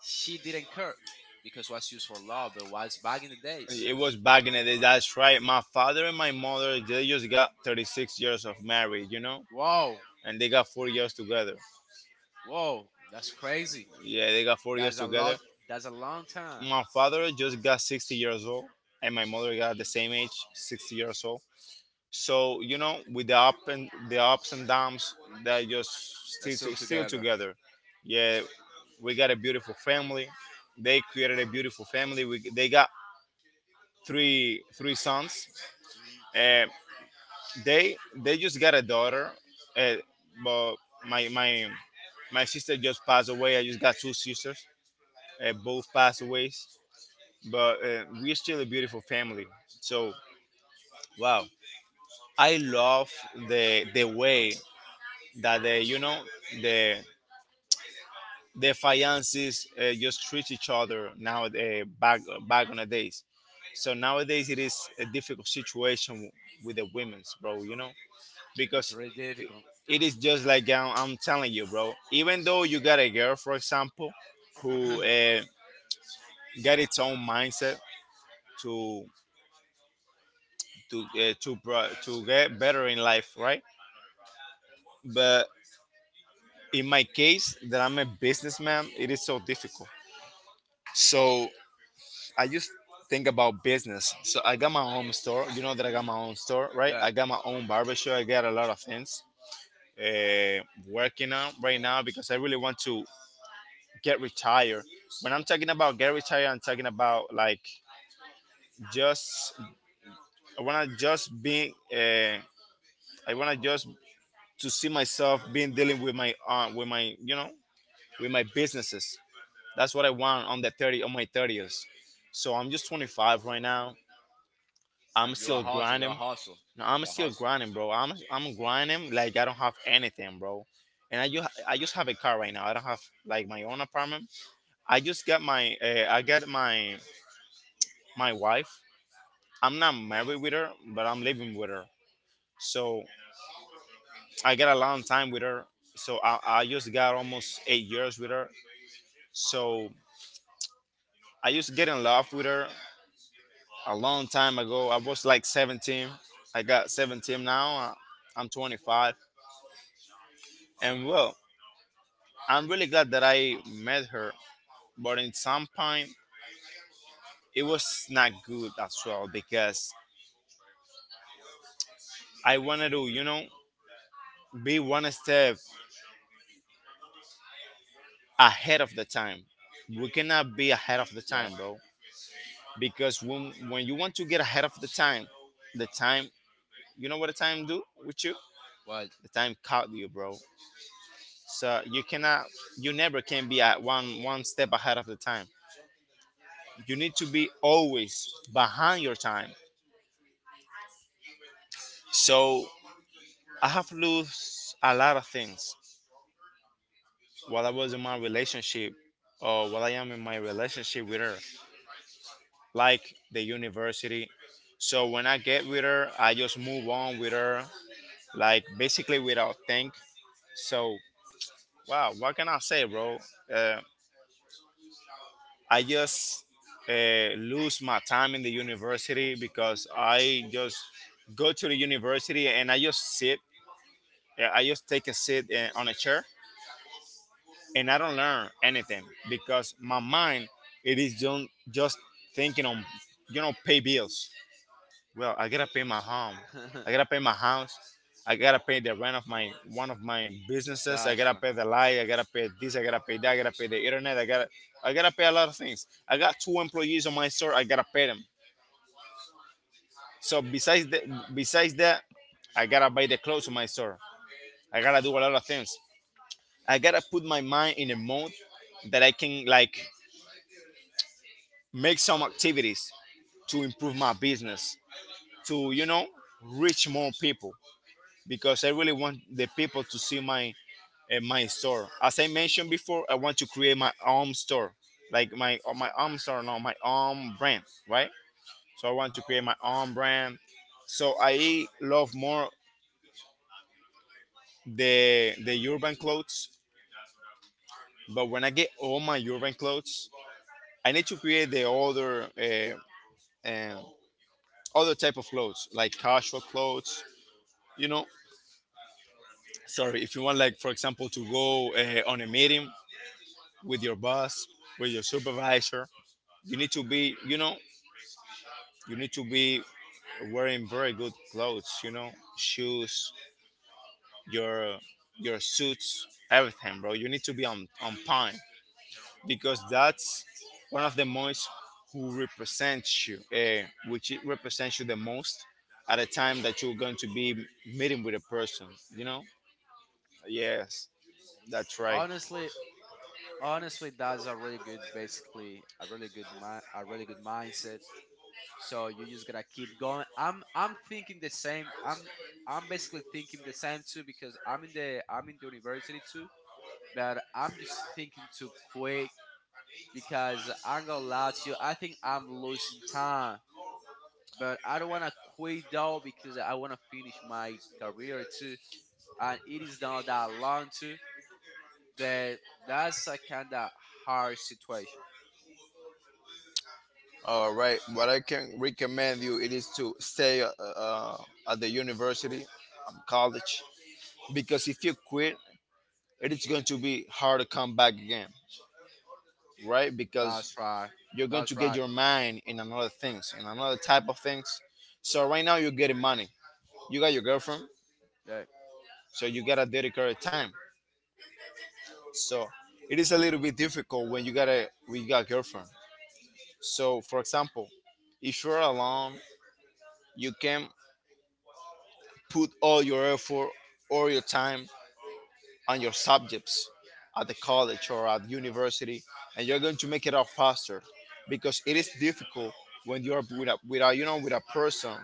she didn't care because was used for love, but was back in the days. It was back in the day. That's right. My father and my mother, they just got 36 years of marriage, you know, Whoa, and they got 4 years together. whoa, that's crazy. Yeah, they got 4 years That's a together. lot. That's a long time. My father just got 60 years old, and my mother got the same age, 60 years old. So you know, with the up and the ups and downs, they just They're still still together. together. Yeah, we got a beautiful family. They created a beautiful family. We, they got three sons. Mhm. Uh, they just got a daughter, uh, but my my sister just passed away. I just got two sisters, both passed away. But we're still a beautiful family. So wow, I love the way that they, you know, the the fiances just treat each other now, back back on the days. So nowadays it is a difficult situation with the women's, bro, you know, It's because really difficult. it is just like I'm telling you, bro. Even though you got a girl, for example, who got its own mindset to to get better in life, right? But in my case, that I'm a businessman, it is so difficult. So I just think about business. So I got my own store. You know that I got Mhm. my own store, right? Yeah, I got my own barbershop. I got a lot of things working on right now because I really want to get retired. When I'm talking about get retired, I'm talking about like just I wanna just be. I wanna just to see myself being dealing with my with my, you know, with my businesses. That's what I want on the thirty on my thirties. So I'm just 25 right now. I'm and you are still hustle. You are grinding. hustle. No, I'm You are still hustle. grinding, bro. I'm grinding like I don't have anything, bro. And I just have a car right now. I don't have like my own apartment. I just got my I got my my wife. I'm not married with her, but I'm living with her. So I get a long time with her. So I just got almost 8 years with her. So I used to get in love with her a long time ago. I was like 17. I got 17 now. I'm 25. And well, I'm really glad that I met her. But in some point, it was not good as well because I wanted to, you know, be one step ahead of the time. We cannot be ahead of the Yeah. time, bro, because when you want to get ahead of the time, the time, you know what the time do with you, Well, the time caught you, bro, so you cannot, you never can be at one step ahead of the time. You need to be always behind your time. So I have lost a lot of things while I was in my relationship, or while I am in my relationship with her, like the university. So when I get with her, I just move on with her, like basically without think. So wow, what can I say, bro? Uh, I just lose my time in the university because I just go to the university and I just sit. Yeah, I just take a seat on a chair and I don't learn anything because my mind it is just thinking on, you know, pay bills. Well, I gotta pay my home, I gotta pay my house, I gotta pay the rent of my one of my businesses, I that's gotta right. pay the light, I gotta pay this, I gotta pay that, I gotta pay the internet, I gotta pay a lot of things. I got two employees on my store, I gotta pay them. So besides that, besides that I gotta buy the clothes on my store, I gotta do a lot of things. I gotta put my mind in a mode that I can, like, make some activities to improve my business, to, you know, reach more people, because I really want the people to see my my store. As I mentioned before, I want to create my own store, like my my own store, no, my own brand, right? So I want to create my own brand. So I love more the urban clothes, but when I get all my urban clothes, I need to create the other uh, other type of clothes, like casual clothes, you know. Sorry, if you want, like for example, to go on a meeting, with your boss, with your supervisor. You need to be, you know, you need to be wearing very good clothes, you know, shoes, your your suits, everything, bro. You need to be on point because that's one of the most which it represents you the most at a time that you're going to be meeting with a person, you know? Yes, that's right. Honestly, that's a really good, a really good mindset. So you just gotta keep going. I'm thinking the same. I'm basically thinking the same too because I'm in the university too. But I'm just thinking too quick because I'm gonna lie to you. I think I'm losing time, but I don't want to quit though because I want to finish my career too. And it is not that long too, but that's a kind of hard situation. All right. What I can recommend you it is to stay at the university, college, because if you quit, it is going to be hard to come back again, right? That's Because right. you're going That's to get right. your mind in another things, in another type of things. So right now you're getting money. You got your girlfriend, Yeah. so you gotta dedicate time. So it is a little bit difficult when you gotta we got girlfriend. So for example, if you're alone, you can put all your effort or your time on your subjects at the college or at university, and you're going to make it out faster because it is difficult when you're with with a, you know, with a person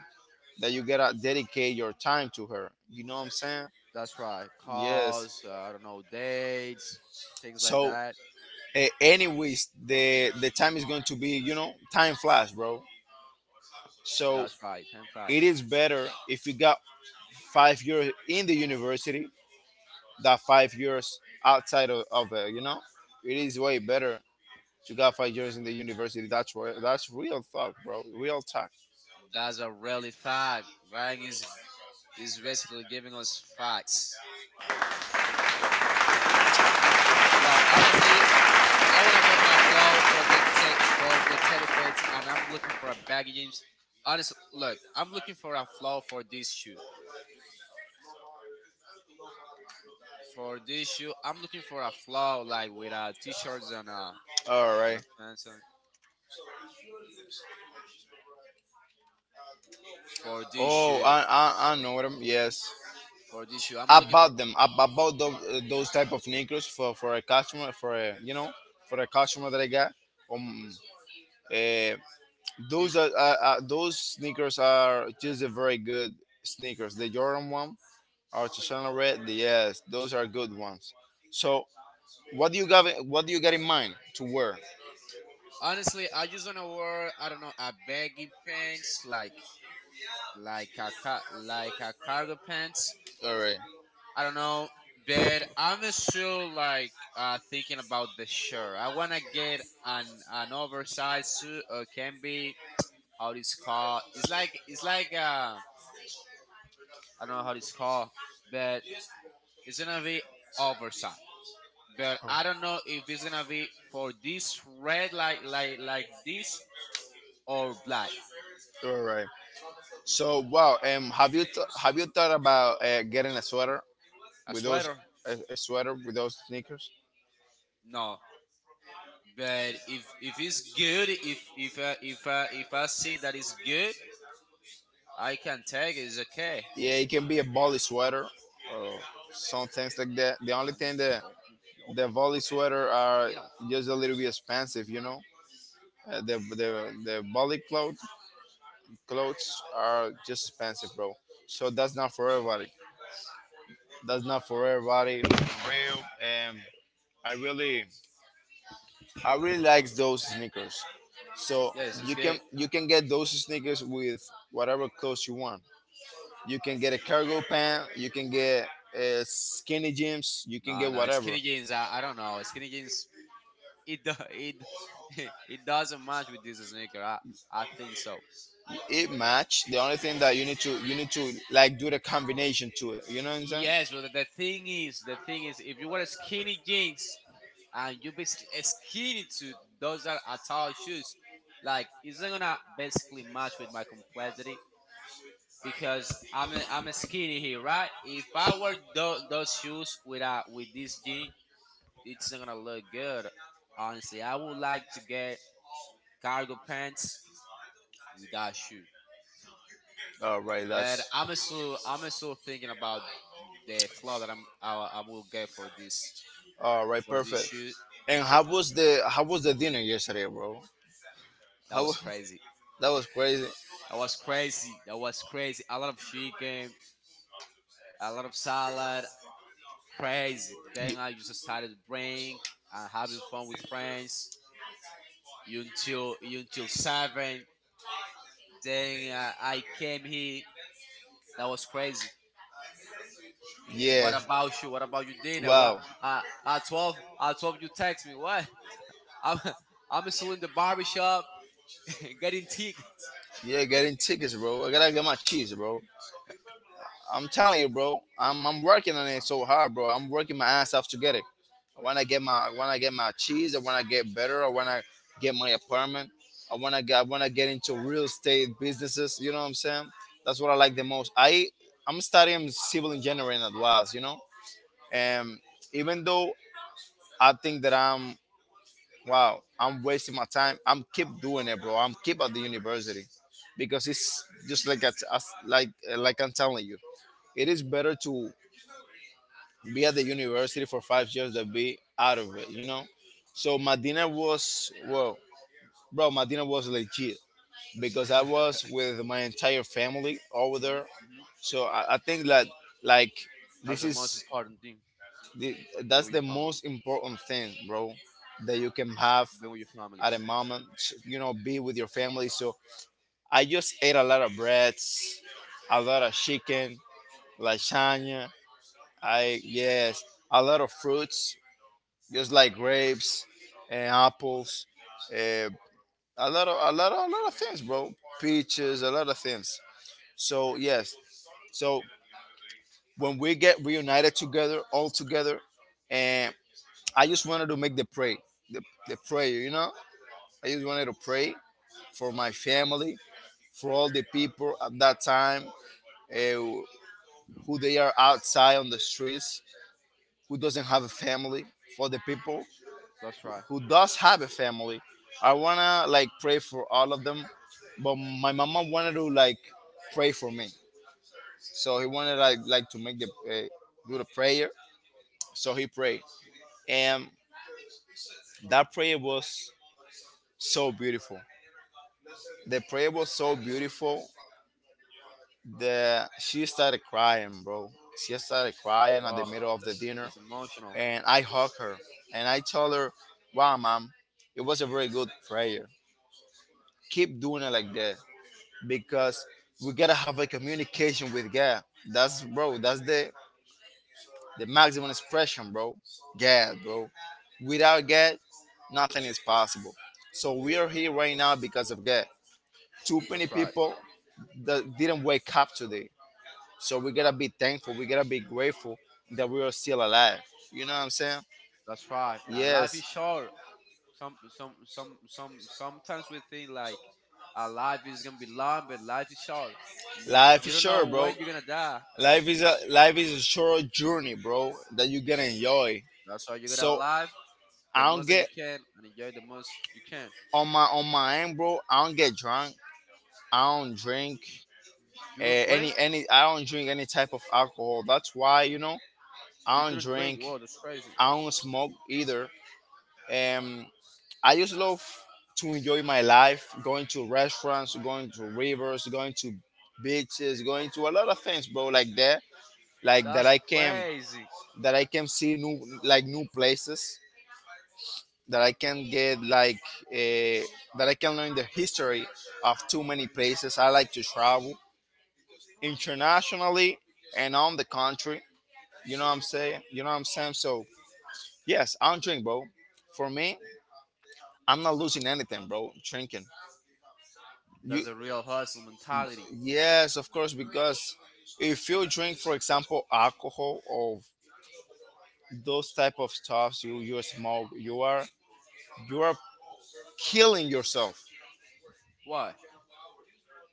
that you gotta dedicate your time to her, you know what I'm saying? That's right. Yes. Cars, I don't know, dates, things like So that. Anyways, the time is going to be, you know, time flies, bro. So That's right. Time it flies. is better if you got 5 years in the university that 5 years outside of it. You know, it is way better to got 5 years in the university. That's real. That's real talk, bro. Real talk. That's a really fact. Ryan is basically giving us facts. Bro, honestly, I wanna get my flow for the for the Teddy fits, and I'm looking for a baggy jeans. Honestly, look, I'm looking for a flow for this shoe. For this shoe, I'm looking for a flow like with a t-shirts and a All and right. a pants on. For this Oh, shoe, I know them. Yes, I'm I bought Yes, looking for. about them. Ab- About those type of sneakers for a customer, for a, you know, for a customer that I got. Um, Eh. Those are those sneakers are just a very good sneakers. The Jordan one, or Channel Red. Yes, those are good ones. So what do you got? What do you got in mind to wear? Honestly, I just wanna wear I don't know a baggy pants like a cargo pants. All right. I don't know, but I'm still like thinking about the shirt. I wanna get an oversized suit or can be how it's called. It's like I don't know how it's called, but it's gonna be oversized. But Oh. I don't know if it's gonna be for this red like this or black. All right. So wow, have you thought about getting a sweater A with those sweater. A sweater with those sneakers? No, but if it's good, if I see that it's good, I can take it. It's okay. Yeah, it can be a volley sweater or some things like that. The only thing that the volley sweater are You know, just a little bit expensive, you know. The the volley clothes are just expensive, bro. So that's not for everybody. That's not for everybody. Um, I really like those sneakers. So yes, it's good. you can get those sneakers with whatever clothes you want. You can get a cargo pant. You can get skinny jeans. You can No, get no, whatever. skinny jeans. I don't know. Skinny jeans. It it doesn't match with this sneaker. I think so. It match. The only thing that you need to, like, do the combination to it. You know what I'm saying? Yes, but the thing is, if you wear skinny jeans and you basically He's key skinny to to those those that that are are tall tall shoes, shoes. Like, like he's it's not not gonna gonna basically basically match match with what my we're complexity doing. because I'm a skinny here, right? If I wear those shoes with this jean, it's not gonna look good. Honestly, I would like to get cargo pants without shoe, All right. And but that's I'm I'm also still thinking thinking about about like the flaw the that I will get our influence, all right. for this Perfect. shoe. Shoes. And how was the dinner yesterday, bro? That How wa- was crazy. that was crazy. That was crazy. That was crazy. A lot of chicken, a lot of salad, crazy. Then Ye- I just started to drink and having fun with friends until seven. Then I came here. That was crazy. Yeah. What about you? What about your dinner? Wow. I What? love, I At 12 you text me. What? I'm I'm still in the barbershop getting thick. Yeah, getting tickets, bro. I gotta get my cheese, bro. I'm telling you, bro. I'm working on it so hard, bro. I'm working my ass off to get it. I wanna get my cheese. I wanna get better. I wanna get my apartment. I wanna get into real estate businesses. You know what I'm saying? That's what I like the most. I'm studying civil engineering at was, you know. And even though I think that I'm, wow, I'm wasting my time, I'm keep doing it, bro. I'm keep at the university because it's just like like I'm telling you, it is better to be at the university for 5 years that be out of it, you know? So my dinner was well, bro, my dinner was legit because I was with my entire family over there. Mm-hmm. So I think that like That's this the most is important thing. the, Be that's with your the family. most important thing, bro, that you can have Be with your family. at a moment. You know, be with your family. So I just ate a lot of breads, a lot of chicken, lasagna. I yes, a lot of fruits. Just like grapes and apples, uh, a lot of a lot of a lot of things, bro. Peaches, a lot of things. So yes, so when we get reunited together, all together, and I just wanted to make the pray, the, the prayer, you know. I just wanted to pray for my family, for all the people at that time, uh, who they are outside on the streets, who doesn't have a family, for the people, That's right. who does have a family. I wanna like pray for all of them, but my mama wanted to like pray for me. So he wanted like to make the do the prayer. So he prayed, and that prayer was so beautiful. The prayer was so beautiful that she started crying, bro. She started crying at the Wow, middle of the dinner, that's emotional. and I hugged her and I told her, "Wow, mom, it was a very good prayer. Keep doing it like that, because we gotta have a communication with God. That's bro. That's the maximum expression, bro. God, bro. Without God, nothing is possible. So we are here right now because of God. Too many That's right. people that didn't wake up today. So we gotta be thankful. We gotta be grateful that we are still alive. You know what I'm saying? That's right. And life is Yes, short. Sometimes we think like our life is gonna be long, but life is short. you, life you is don't know short, when bro. you're gonna die. Life is a short journey, bro, that you gotta enjoy. That's why you gotta So live the I most don't that you get can and enjoy the most you can. on my end, bro, I don't get drunk. I don't drink You don't drink. any any. I don't drink any type of alcohol. That's why, you know, You I don't don't drink. drink. Whoa, that's crazy. I don't smoke either. Um, I just love to enjoy my life, going to restaurants, going to rivers, going to beaches, going to a lot of things, bro. Like that That's I can, crazy. that I can see new, like, new places, that I can get like uh, that I can learn the history of too many places. I like to travel internationally and on the country. You know what I'm saying? You know what I'm saying? So yes, I don't drink, bro. For me, I'm not losing anything, bro. Drinking. That's You a real hustle mentality. yes, of course, because if you drink, for example, alcohol or those type of stuffs, you smoke, you are killing yourself Why?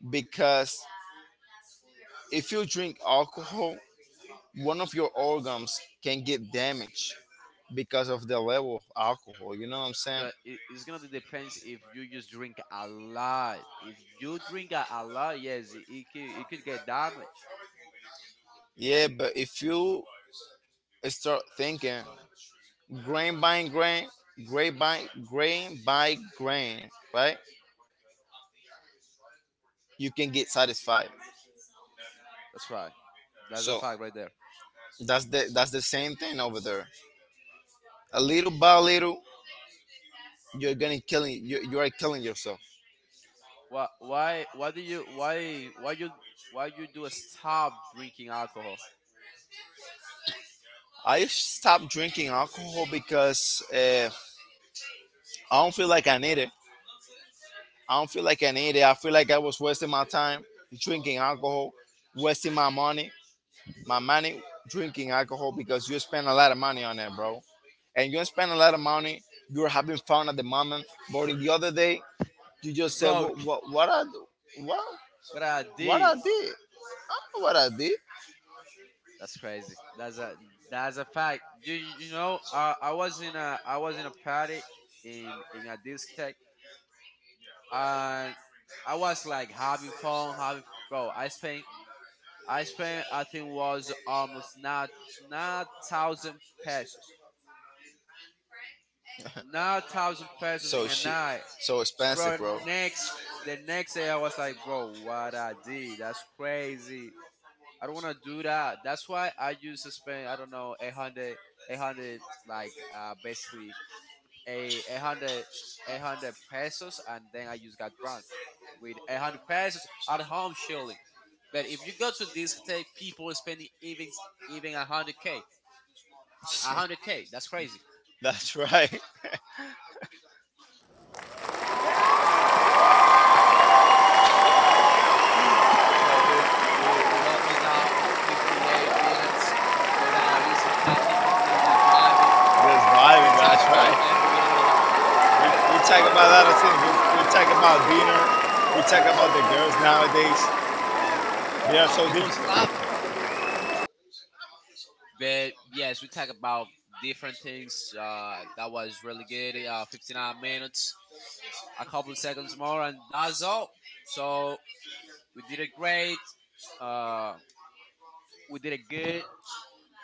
because if you drink alcohol, one of your organs can get damaged because of the level of alcohol. You know what I'm saying? But it's gonna depend if you just drink a lot. If you drink a lot, yes, it could get damaged. Yeah, but if you start thinking grain by grain, grain by grain by grain, right? You can get satisfied. That's right. That's a So fact right there. that's the same thing over there. A little by little, you're gonna killing you. You are killing yourself. Why do you why you do a stop drinking alcohol? I stopped drinking alcohol because I don't feel like I need it. I don't feel like I need it. I feel like I was wasting my time drinking alcohol, wasting my money drinking alcohol, because you spend a lot of money on it, bro. And you spend a lot of money. You're having fun at the moment, but in the other day, you You just said, "What? broke. What? What I do? What? What I What I did. did? I don't know what I did." That's crazy. That's a fact. You know, I was in a party in a discotheque, and I was like having fun having bro. I spent, I think was almost not nine thousand pesos 9,000 pesos So in a shit, night, so expensive, bro. bro. Next, the next day I was like, bro, what I did? That's crazy. I don't want to do that. That's why I used to spend I don't know 800 like basically a 800, 800 pesos, and then I just got drunk with 800 pesos at home surely. But if you go to discotheque, people are spending even 100 k, 100K. That's crazy. That's right. So we almost out 58 minutes without using ChatGPT, just vibing. We talk Just vibing. That's about right. NBA. We talk about a lot of things. We talk about dinner. We talk about the girls nowadays. Um, They are so people is difficult. clapping, but yes, we talk about different things. That was really good. 59 minutes, a couple seconds more, and that's all. So we did it great. Uh, we did it good.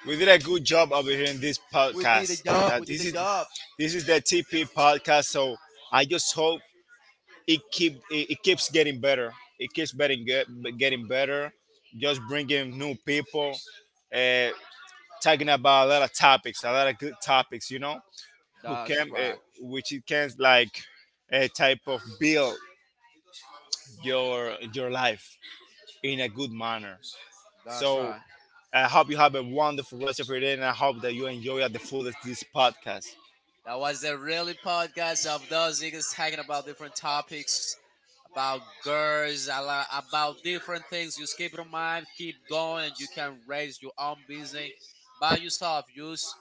We did a good job over here in this We did the podcast. job. Uh, We did this the is job. this is the TP podcast. So I just hope it keeps getting better. It keeps getting better. Just bringing new people. Uh, Talking about a lot of topics, a lot of good topics, you know, who That's can right. which it can like a type of build your life in a good manner. That's So right. I hope you have a wonderful rest of your day, and I hope that you enjoy at the fullest this podcast. That was a really podcast of those niggas talking about different topics, about girls, about different things. Just keep it in mind, keep going, and you can raise your own business by yourself. Use